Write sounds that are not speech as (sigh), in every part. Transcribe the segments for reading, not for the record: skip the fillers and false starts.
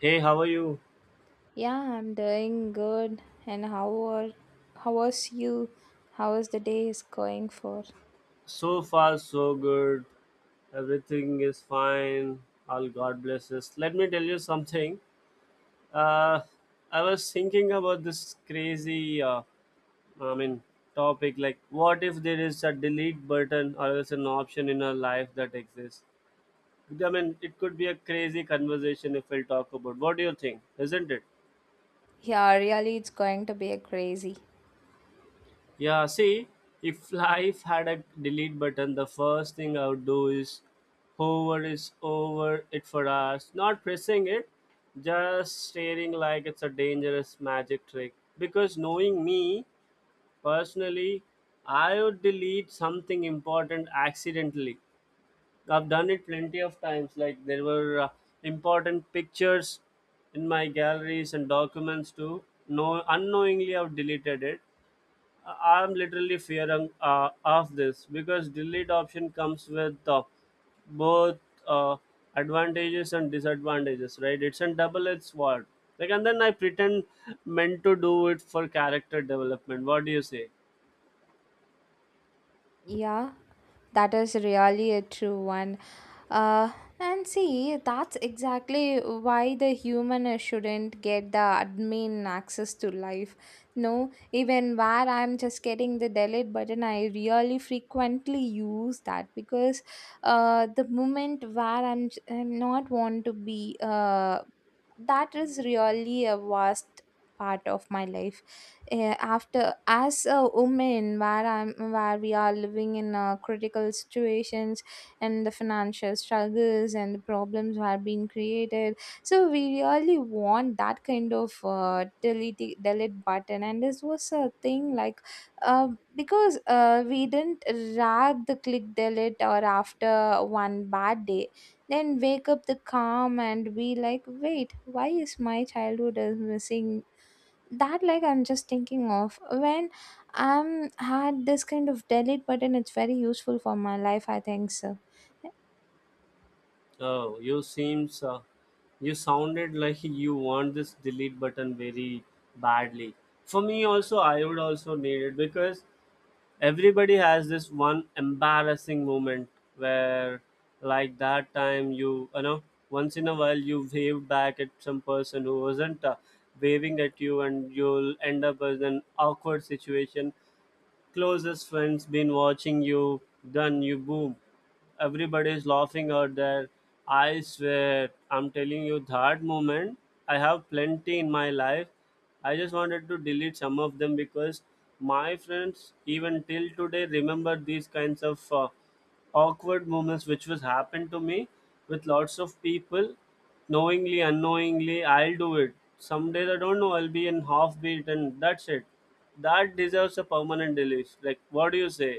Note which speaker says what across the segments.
Speaker 1: Hey, how are you?
Speaker 2: Yeah, I'm doing good. And how was you? How is the day is going for?
Speaker 1: So far, so good. Everything is fine. All God blesses. Let me tell you something. Uh, I was thinking about this crazy, I mean, topic. Like, what if there is a delete button or else an option in our life that exists? I mean, it could be a crazy conversation if we'll talk about. What do you think? Isn't it?
Speaker 2: Yeah, really it's going to be a crazy.
Speaker 1: Yeah, see, if life had a delete button, the first thing I would do is hover is over it for us, not pressing it, just staring like it's a dangerous magic trick. Because knowing me personally, I would delete something important accidentally. I've done it plenty of times. Like there were important pictures in my galleries and documents too. No, unknowingly, I've deleted it. I'm literally fearing of this because delete option comes with both uh, advantages and disadvantages, right? It's a double-edged sword. Like, and then I pretend meant to do it for character development. What do you say?
Speaker 2: Yeah, that is really a true one. Uh, and see, that's exactly why the human shouldn't get the admin access to life. No, even where I'm just getting the delete button, I really frequently use that because the moment where I'm not want to be, that is really a vast part of my life. Eh, after as a woman where I'm where we are living in a critical situation and the financial struggles and the problems are being created, so we really want that kind of delete button. And this was a thing like uh, because we didn't rag the click delete or after one bad day then wake up the calm and be like wait why is my childhood is missing. That like I'm just thinking of when I'm had this kind of delete button, it's very useful for my life, I think so.
Speaker 1: Oh, you seems you sounded like you want this delete button very badly. For me also, I would also need it because everybody has this one embarrassing moment where like that time you you know Once in a while you wave back at some person who wasn't waving at you and you'll end up as an awkward situation. Closest friends been watching you, then you boom. Everybody's laughing out there. I swear, I'm telling you, that moment, I have plenty in my life. I just wanted to delete some of them because my friends, even till today, remember these kinds of. Awkward moments which was happened to me with lots of people knowingly unknowingly I'll do it some days I don't know I'll be in half beat and that's it. That deserves a permanent delete, like what do you say?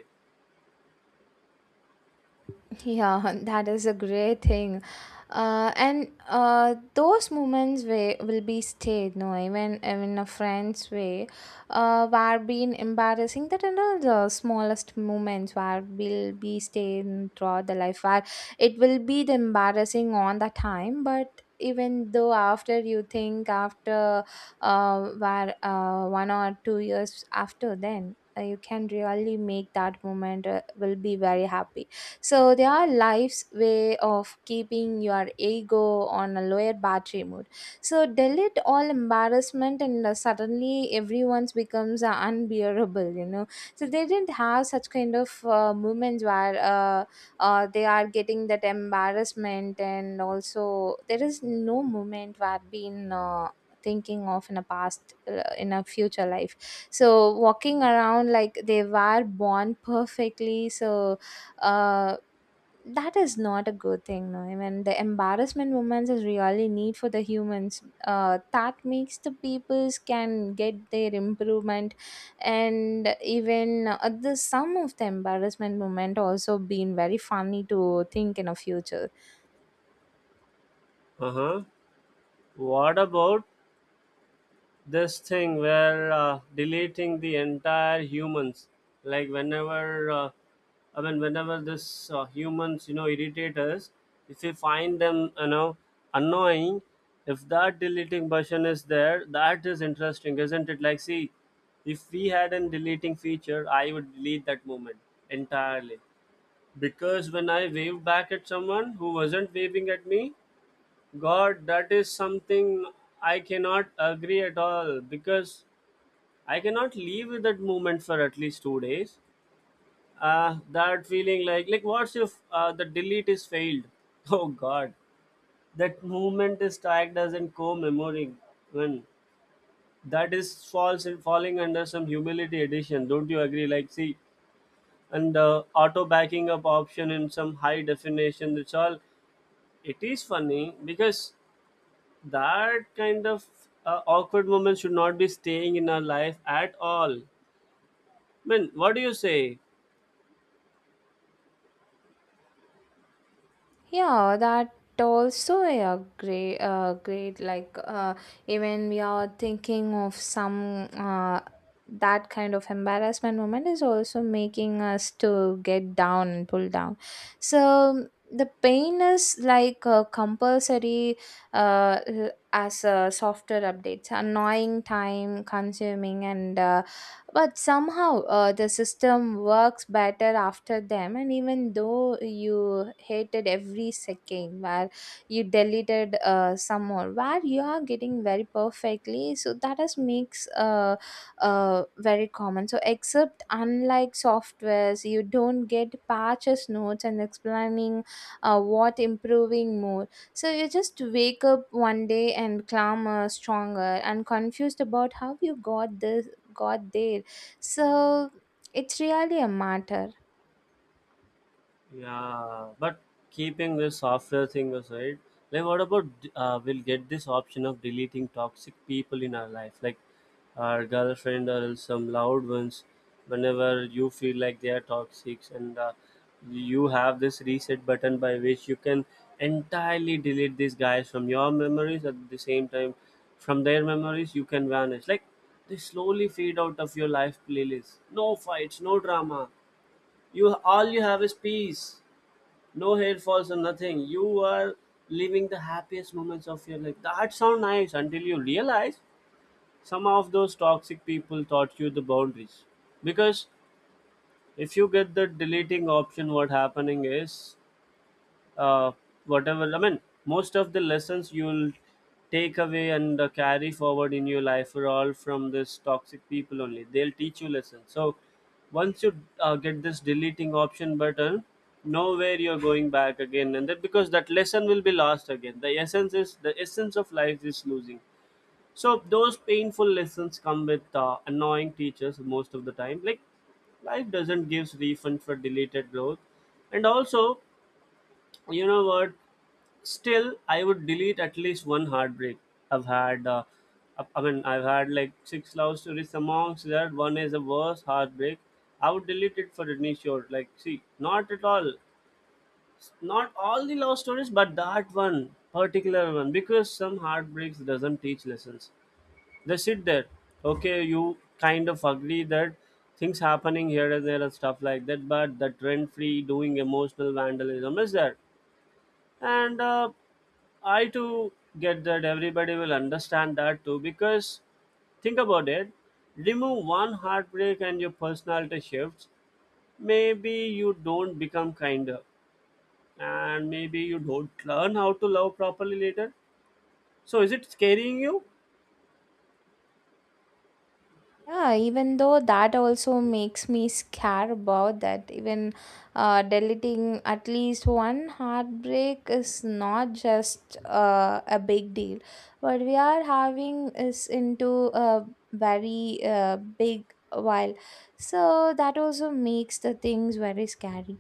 Speaker 2: Yeah, (laughs) that is a great thing. And those moments where will be stayed, no, even a friend's way, were being embarrassing. That you know the smallest moments where will be stayed in throughout the life, where it will be the embarrassing on the time, but even though after you think after where 1 or 2 years after then you can really make that moment will be very happy. So they are life's way of keeping your ego on a lower battery mode. So delete all embarrassment and suddenly everyone's becomes unbearable, you know. So they didn't have such kind of moments where they are getting that embarrassment, and also there is no moment where been thinking of in a past in a future life, so walking around like they were born perfectly. So uh, that is not a good thing, no I mean the embarrassment moments is really need for the humans, that makes the peoples can get their improvement. And even the some of the embarrassment moment also been very funny to think in a future.
Speaker 1: Uh-huh. What about this thing where deleting the entire humans, like whenever I mean whenever this humans irritate us, if we find them annoying, if that deleting button is there, that is interesting isn't it? Like see, if we had an deleting feature I would delete that moment entirely, because when I wave back at someone who wasn't waving at me, God, that is something I cannot agree at all because I cannot leave with that moment for at least 2 days. That feeling like what's if the delete is failed? (laughs) Oh God, that moment is tagged as in co-memory when that is falls in falling under some humility edition. Don't you agree? Like see, and the auto backing up option in some high definition. It's all. It is funny because that kind of awkward moment should not be staying in our life at all. I mean, what do you say?
Speaker 2: Yeah, that also a great, great like even we are thinking of some that kind of embarrassment moment is also making us to get down and pull down. So the pain is like a compulsory as a software updates, annoying, time consuming, and but somehow the system works better after them, and even though you hated every second where you deleted some more where you are getting very perfectly, so that is makes very common. So except unlike softwares you don't get patches notes and explaining what improving more, so you just wake up one day and clamor stronger and confused about how you got this got there. So it's really a matter.
Speaker 1: Yeah, but keeping this software thing aside, like what about we'll get this option of deleting toxic people in our life, like our girlfriend or else some loud ones, whenever you feel like they are toxic, and you have this reset button by which you can entirely delete these guys from your memories, at the same time from their memories you can vanish, like they slowly fade out of your life playlist. No fights, no drama, you all you have is peace, no hair falls or nothing. You are living the happiest moments of your life. That sound nice until you realize some of those toxic people taught you the boundaries. Because if you get the deleting option, what happening is uh, whatever I mean most of the lessons you'll take away and carry forward in your life are all from this toxic people only, they'll teach you lessons. So once you get this deleting option button, nowhere you're going back again, and that because that lesson will be lost again, the essence is the essence of life is losing. So those painful lessons come with annoying teachers most of the time, like life doesn't give refund for deleted growth. And also, you know what, still I would delete at least one heartbreak I've had. I mean I've had like six love stories, amongst that one is the worst heartbreak. I would delete it for any sure, like see, not at all, not all the love stories but that one particular one, because some heartbreaks doesn't teach lessons, they sit there. Okay, you kind of agree that things happening here and there and stuff like that, but the trend free doing emotional vandalism is there. And I too get that everybody will understand that too, because think about it, remove one heartbreak and your personality shifts. Maybe you don't become kinder, and maybe you don't learn how to love properly later. So is it scaring you?
Speaker 2: Yeah, even though that also makes me scared about that. Even deleting at least one heartbreak is not just a big deal. What we are having is into a very big while. So that also makes the things very scary.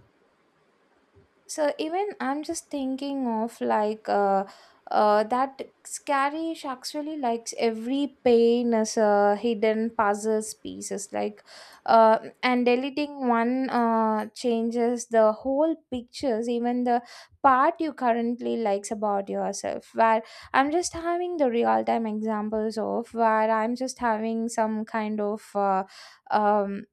Speaker 2: So even I'm just thinking of like that scary actually likes every pain as a hidden puzzles pieces like uh, and deleting one changes the whole pictures even the part you currently likes about yourself where I'm just having the real time examples of where I'm just having some kind of um,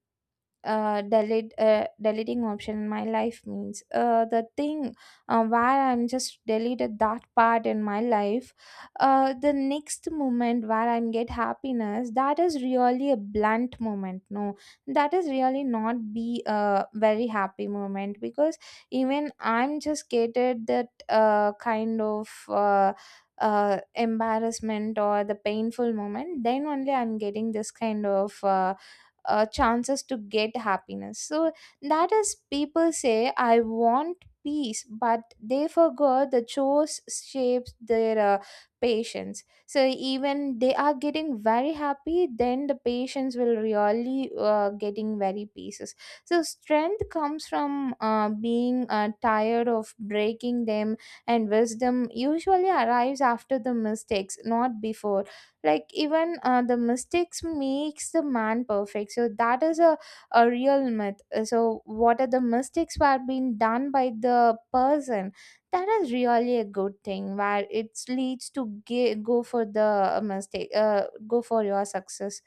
Speaker 2: delete deleting option in my life means the thing where I'm just deleted that part in my life. The next moment where I'm get happiness, that is really a blunt moment, no, that is really not be a very happy moment, because even I'm just getted that kind of embarrassment or the painful moment, then only I'm getting this kind of chances to get happiness. So that is people say, I want peace, but they forgot the chores shapes their patience. So even they are getting very happy, then the patients will really getting very pieces. So strength comes from being tired of breaking them, and wisdom usually arrives after the mistakes, not before. Like even the mistakes makes the man perfect, so that is a real myth. So what are the mistakes were being done by the person, that is really a good thing where it leads to go for the mistake, go for your success.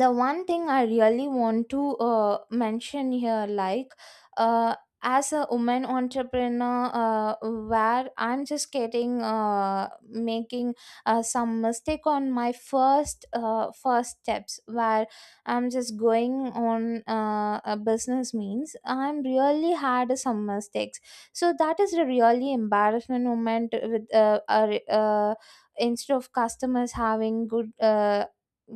Speaker 2: The one thing I really want to mention here like uh, as a woman entrepreneur where I'm just getting making some mistake on my first steps where I'm just going on a business means I'm really had some mistakes. So that is a really embarrassment moment with instead of customers having good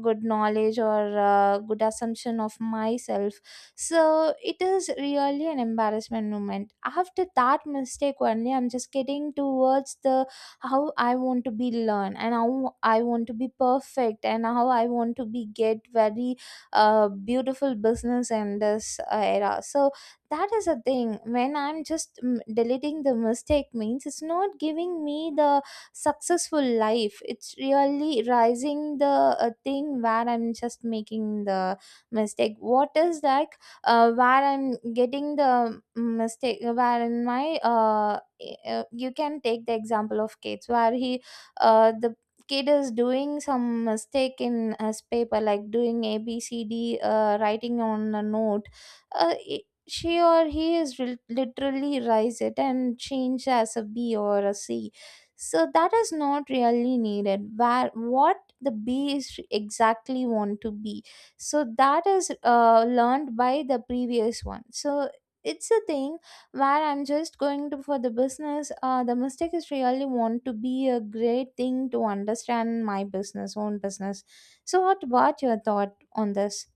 Speaker 2: good knowledge or good assumption of myself. So it is really an embarrassment moment, after that mistake only I'm just getting towards the how I want to be learned and how I want to be perfect and how I want to be get very beautiful business in this era. So that is a thing, when I'm just deleting the mistake means it's not giving me the successful life, it's really rising the thing where I'm just making the mistake. What is that, where I'm getting the mistake where in my you can take the example of kids where he the kid is doing some mistake in his paper like doing ABCD writing on a note, she or he is literally rise it and change as a B or a C. So that is not really needed, where what the bee is exactly want to be, so that is learned by the previous one. So it's a thing where I'm just going to for the business, the mistake is really want to be a great thing to understand my business own business. So what about your thought on this?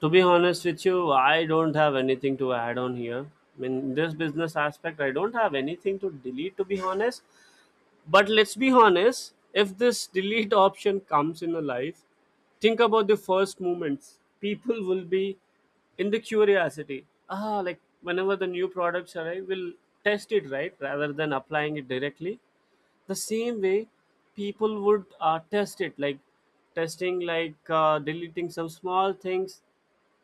Speaker 1: To be honest with you, I don't have anything to add on here. I mean, in this business aspect, I don't have anything to delete, to be honest. But let's be honest, if this delete option comes in a life, think about the first moments. People will be in the curiosity. Ah, like whenever the new products arrive, we'll test it, right? Rather than applying it directly. The same way, people would test it, like testing, like deleting some small things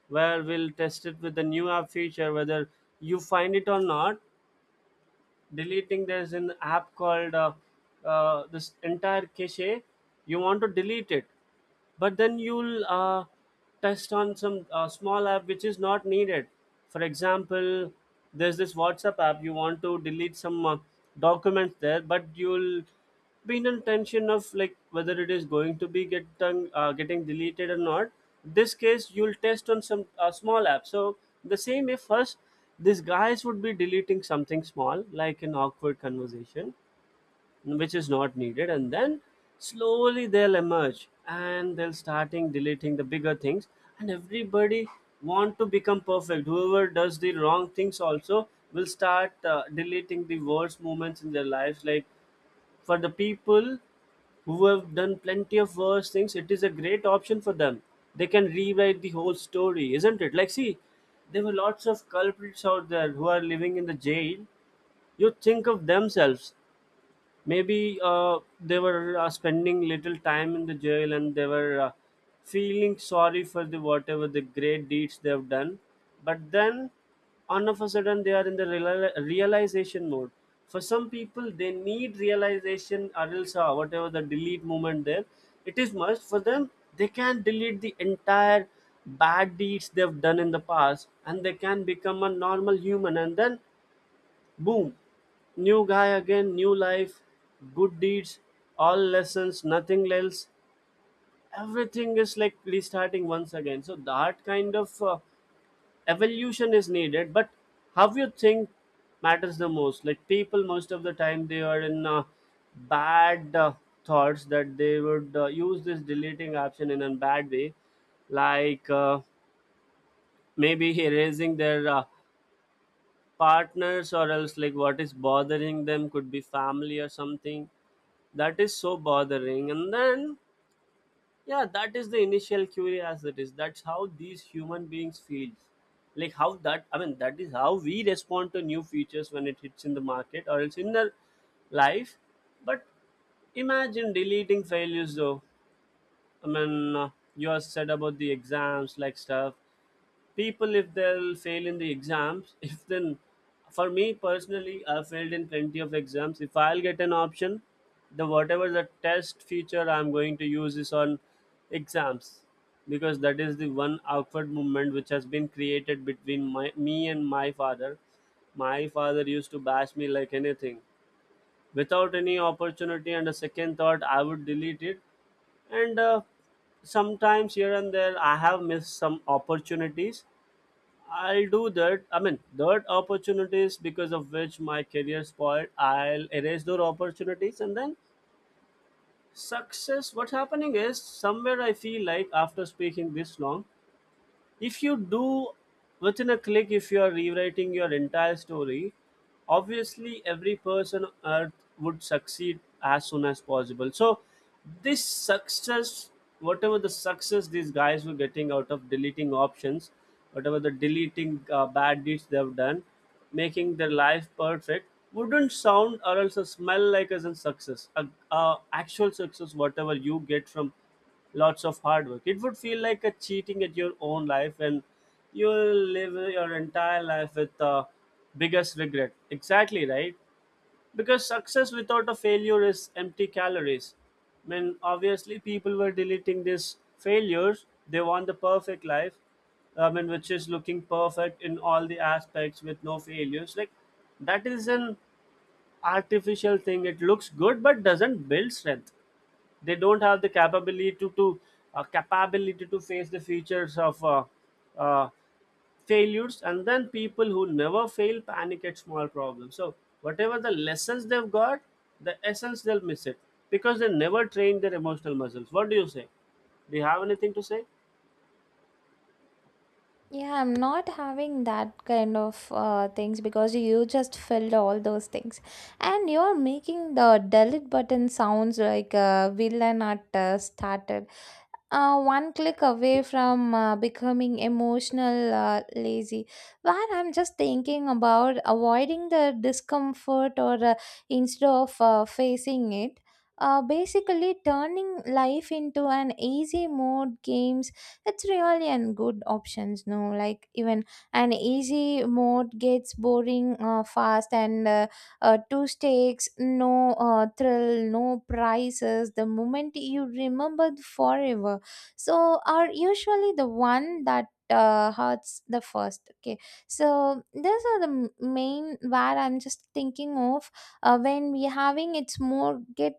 Speaker 1: where we'll test it with the new app feature whether you find it or not. Deleting, there's an app called this entire cache you want to delete it, but then you'll test on some small app which is not needed. For example, there's this WhatsApp app you want to delete some documents there, but you'll being in tension of like whether it is going to be get done, getting deleted or not. This case you'll test on some small app. So the same way first these guys would be deleting something small like an awkward conversation which is not needed, and then slowly they'll emerge and they'll starting deleting the bigger things. And everybody want to become perfect, whoever does the wrong things also will start deleting the worst moments in their lives, like for the people who have done plenty of worse things it is a great option for them. They can rewrite the whole story, isn't it? Like see, there were lots of culprits out there who are living in the jail, you think of themselves. Maybe they were spending little time in the jail and they were feeling sorry for the whatever the great deeds they have done. But then all of a sudden they are in the realization mode. For some people they need realization, or else whatever the delete moment there, it is must for them. They can delete the entire bad deeds they've done in the past and they can become a normal human, and then boom! New guy again, new life, good deeds, all lessons, nothing else. Everything is like restarting once again. So that kind of evolution is needed. But how you think matters the most? Like people, most of the time, they are in bad thoughts that they would use this deleting option in a bad way, like maybe (laughs) erasing their partners or else like what is bothering them, could be family or something that is so bothering. And then yeah, that is the initial curiosity, that's how these human beings feel, like how that I mean that is how we respond to new features when it hits in the market or else in the life. But imagine deleting failures though. I mean you are said about the exams like stuff. People if they'll fail in the exams (laughs) if then, for me personally I failed in plenty of exams, if I'll get an option the whatever the test feature I'm going to use is on exams, because that is the one outward movement which has been created between my, me and my father. My father used to bash me like anything without any opportunity, and a second thought I would delete it. And sometimes here and there I have missed some opportunities. I'll do that. I mean, that opportunities because of which my career spoiled. I'll erase those opportunities and then success. What's happening is somewhere I feel like after speaking this long, if you do within a click if you are rewriting your entire story, obviously every person on earth would succeed as soon as possible. So this success, whatever the success these guys were getting out of deleting options, whatever the deleting bad deeds they have done, making their life perfect wouldn't sound or else smell like as in success, a actual success. Whatever you get from lots of hard work, it would feel like a cheating at your own life, and you'll live your entire life with the biggest regret, exactly right, because success without a failure is empty calories. I mean, obviously people were deleting these failures, they want the perfect life, I mean, which is looking perfect in all the aspects with no failures, like that is an artificial thing, it looks good but doesn't build strength. They don't have the capability to capability to face the features of uh, failures. And then people who never fail panic at small problems, so whatever the lessons they've got, the essence they'll miss it, because they never train their emotional muscles. What do you say, do you have anything to say?
Speaker 2: Yeah, I'm not having that kind of things because you just filled all those things. And you're making the delete button sounds like a villain at started one click away from becoming emotional lazy, where I'm just thinking about avoiding the discomfort or instead of facing it, basically turning life into an easy mode games. It's really an good options, no, like even an easy mode gets boring fast, and two stakes no thrill no prizes, the moment you remembered forever so are usually the one that hurts the first, okay. So these are the main where I'm just thinking of when we having it's more get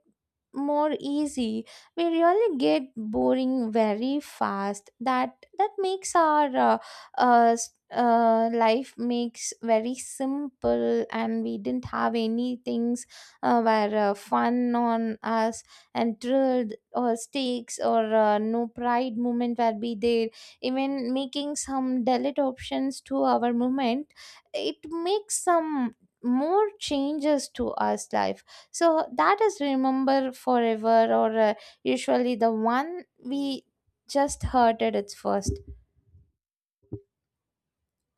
Speaker 2: more easy, we really get boring very fast. That makes our life makes very simple, and we didn't have any things were fun on us, and drilled or steaks or no pride movement will be there. Even making some delete options to our movement, it makes some more changes to us life. So that is remember forever or usually the one we just heard it its first.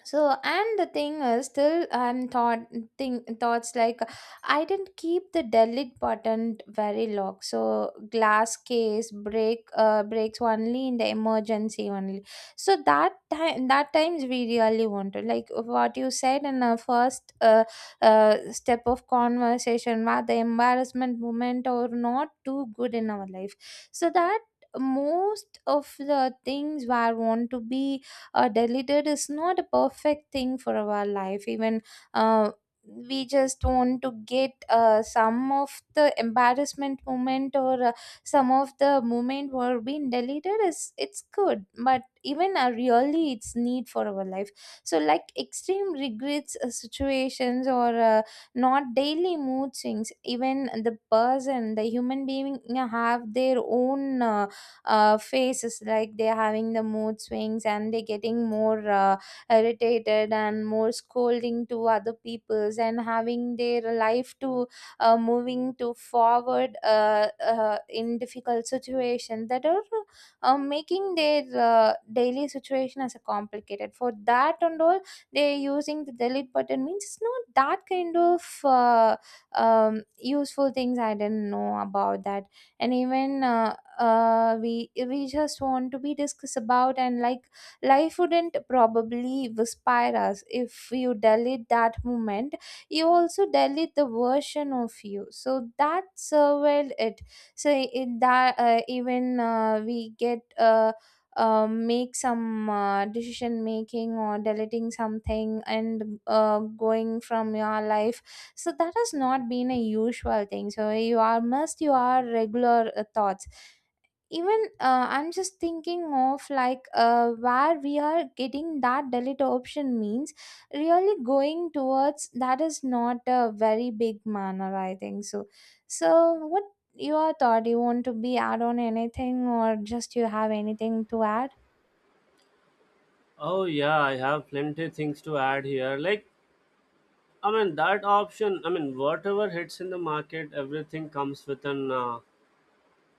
Speaker 2: So, and the thing is still I'm thought thing thoughts like I didn't keep the delete button very locked, so glass case breaks only in the emergency only. So that time, that times we really wanted like what you said in the first step of conversation where the embarrassment moment or not too good in our life. So that most of the things were want to be deleted is not a perfect thing for our life. Even uh, we just want to get some of the embarrassment moment or some of the moment were being deleted, is it's good, but even really it's need for our life. So like extreme regrets situations or not daily mood swings, even the person the human being have their own faces like they're having the mood swings and they're getting more irritated and more scolding to other peoples, and having their life to moving to forward in difficult situation that are making their daily situation as a complicated for that and all, they're using the delete button means it's not that kind of useful things, I didn't know about that. And even we just want to be discussed about, and like life wouldn't probably inspire us, if you delete that moment you also delete the version of you, so that surveyed it. So in that, even we get make some decision making or deleting something and going from your life. So that has not been a usual thing, so you are must you are regular thoughts. Even I'm just thinking of like where we are getting that delete option means really going towards that is not a very big manner, I think so. So what your thought, you want to be add on anything or just you have anything to add?
Speaker 1: Oh yeah, I have plenty things to add here, like, I mean, that option, I mean, whatever hits in the market everything comes with an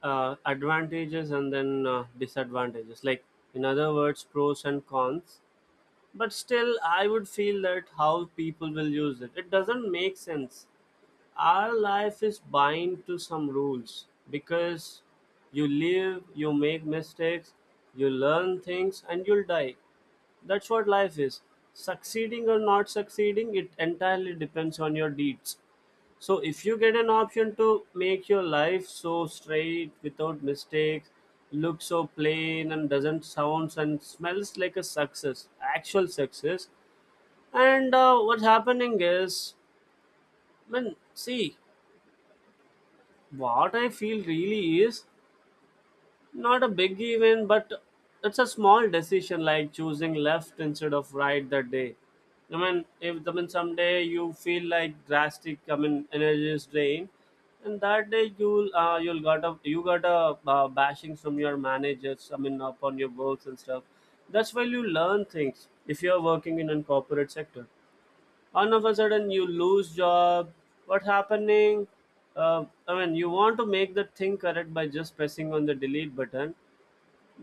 Speaker 1: advantages and then disadvantages, like in other words, pros and cons. But still I would feel that how people will use it, it doesn't make sense. Our life is bind to some rules, because you live, you make mistakes, you learn things, and you'll die. That's what life is. Succeeding or not succeeding, it entirely depends on your deeds. So if you get an option to make your life so straight without mistakes, look so plain and doesn't sounds and smells like a success, actual success. And what's happening is, I mean, see, what I feel really is not a big event, but it's a small decision like choosing left instead of right that day. I mean, if I mean someday you feel like drastic, I mean energy is drained, and that day you got a bashing from your managers, I mean, upon your works and stuff. That's why you learn things if you're working in a corporate sector. All of a sudden you lose job. What happening? I mean, you want to make the thing correct by just pressing on the delete button,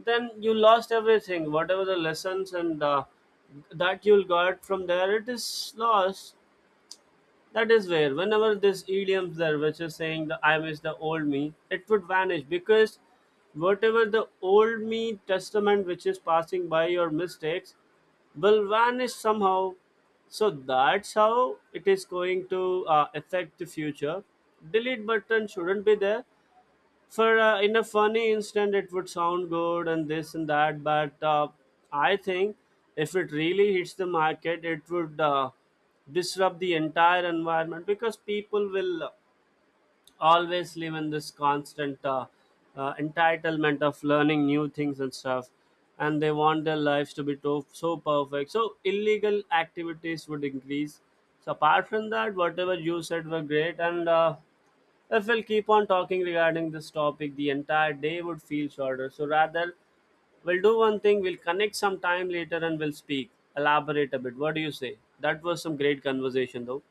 Speaker 1: then you lost everything, whatever the lessons and that you'll got from there, it is lost. That is where whenever this idiom's there, which is saying the I miss the old me, it would vanish, because whatever the old me testament which is passing by your mistakes will vanish somehow. So that's how it is going to affect the future. Delete button shouldn't be there. For in a funny instant it would sound good and this and that, but I think if it really hits the market it would disrupt the entire environment, because people will always live in this constant entitlement of learning new things and stuff, and they want their lives to be so perfect, so illegal activities would increase. So apart from that, whatever you said were great, and if we'll keep on talking regarding this topic the entire day would feel shorter, so rather we'll do one thing, we'll connect some time later and we'll speak, elaborate a bit. What do you say? That was some great conversation though.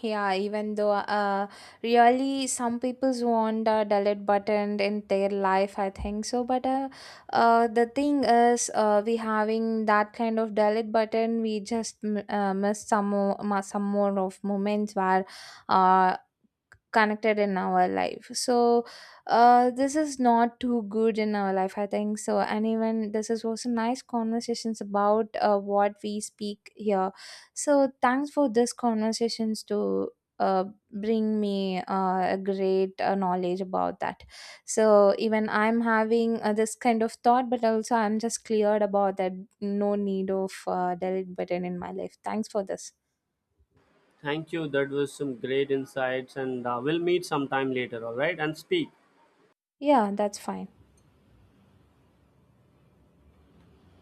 Speaker 2: Yeah, even though really some people's want a delete button in their life, I think so. But the thing is, we having that kind of delete button, we just miss some more, some more of moments where uh, connected in our life. So this is not too good in our life, I think so. And even this is also nice conversations about what we speak here. So thanks for this conversations to uh, bring me a great knowledge about that. So even I'm having this kind of thought, but also I'm just cleared about that no need of delete button in my life. Thanks for this.
Speaker 1: Thank you. That was some great insights, and we'll meet sometime later, all right? And speak.
Speaker 2: Yeah, that's fine.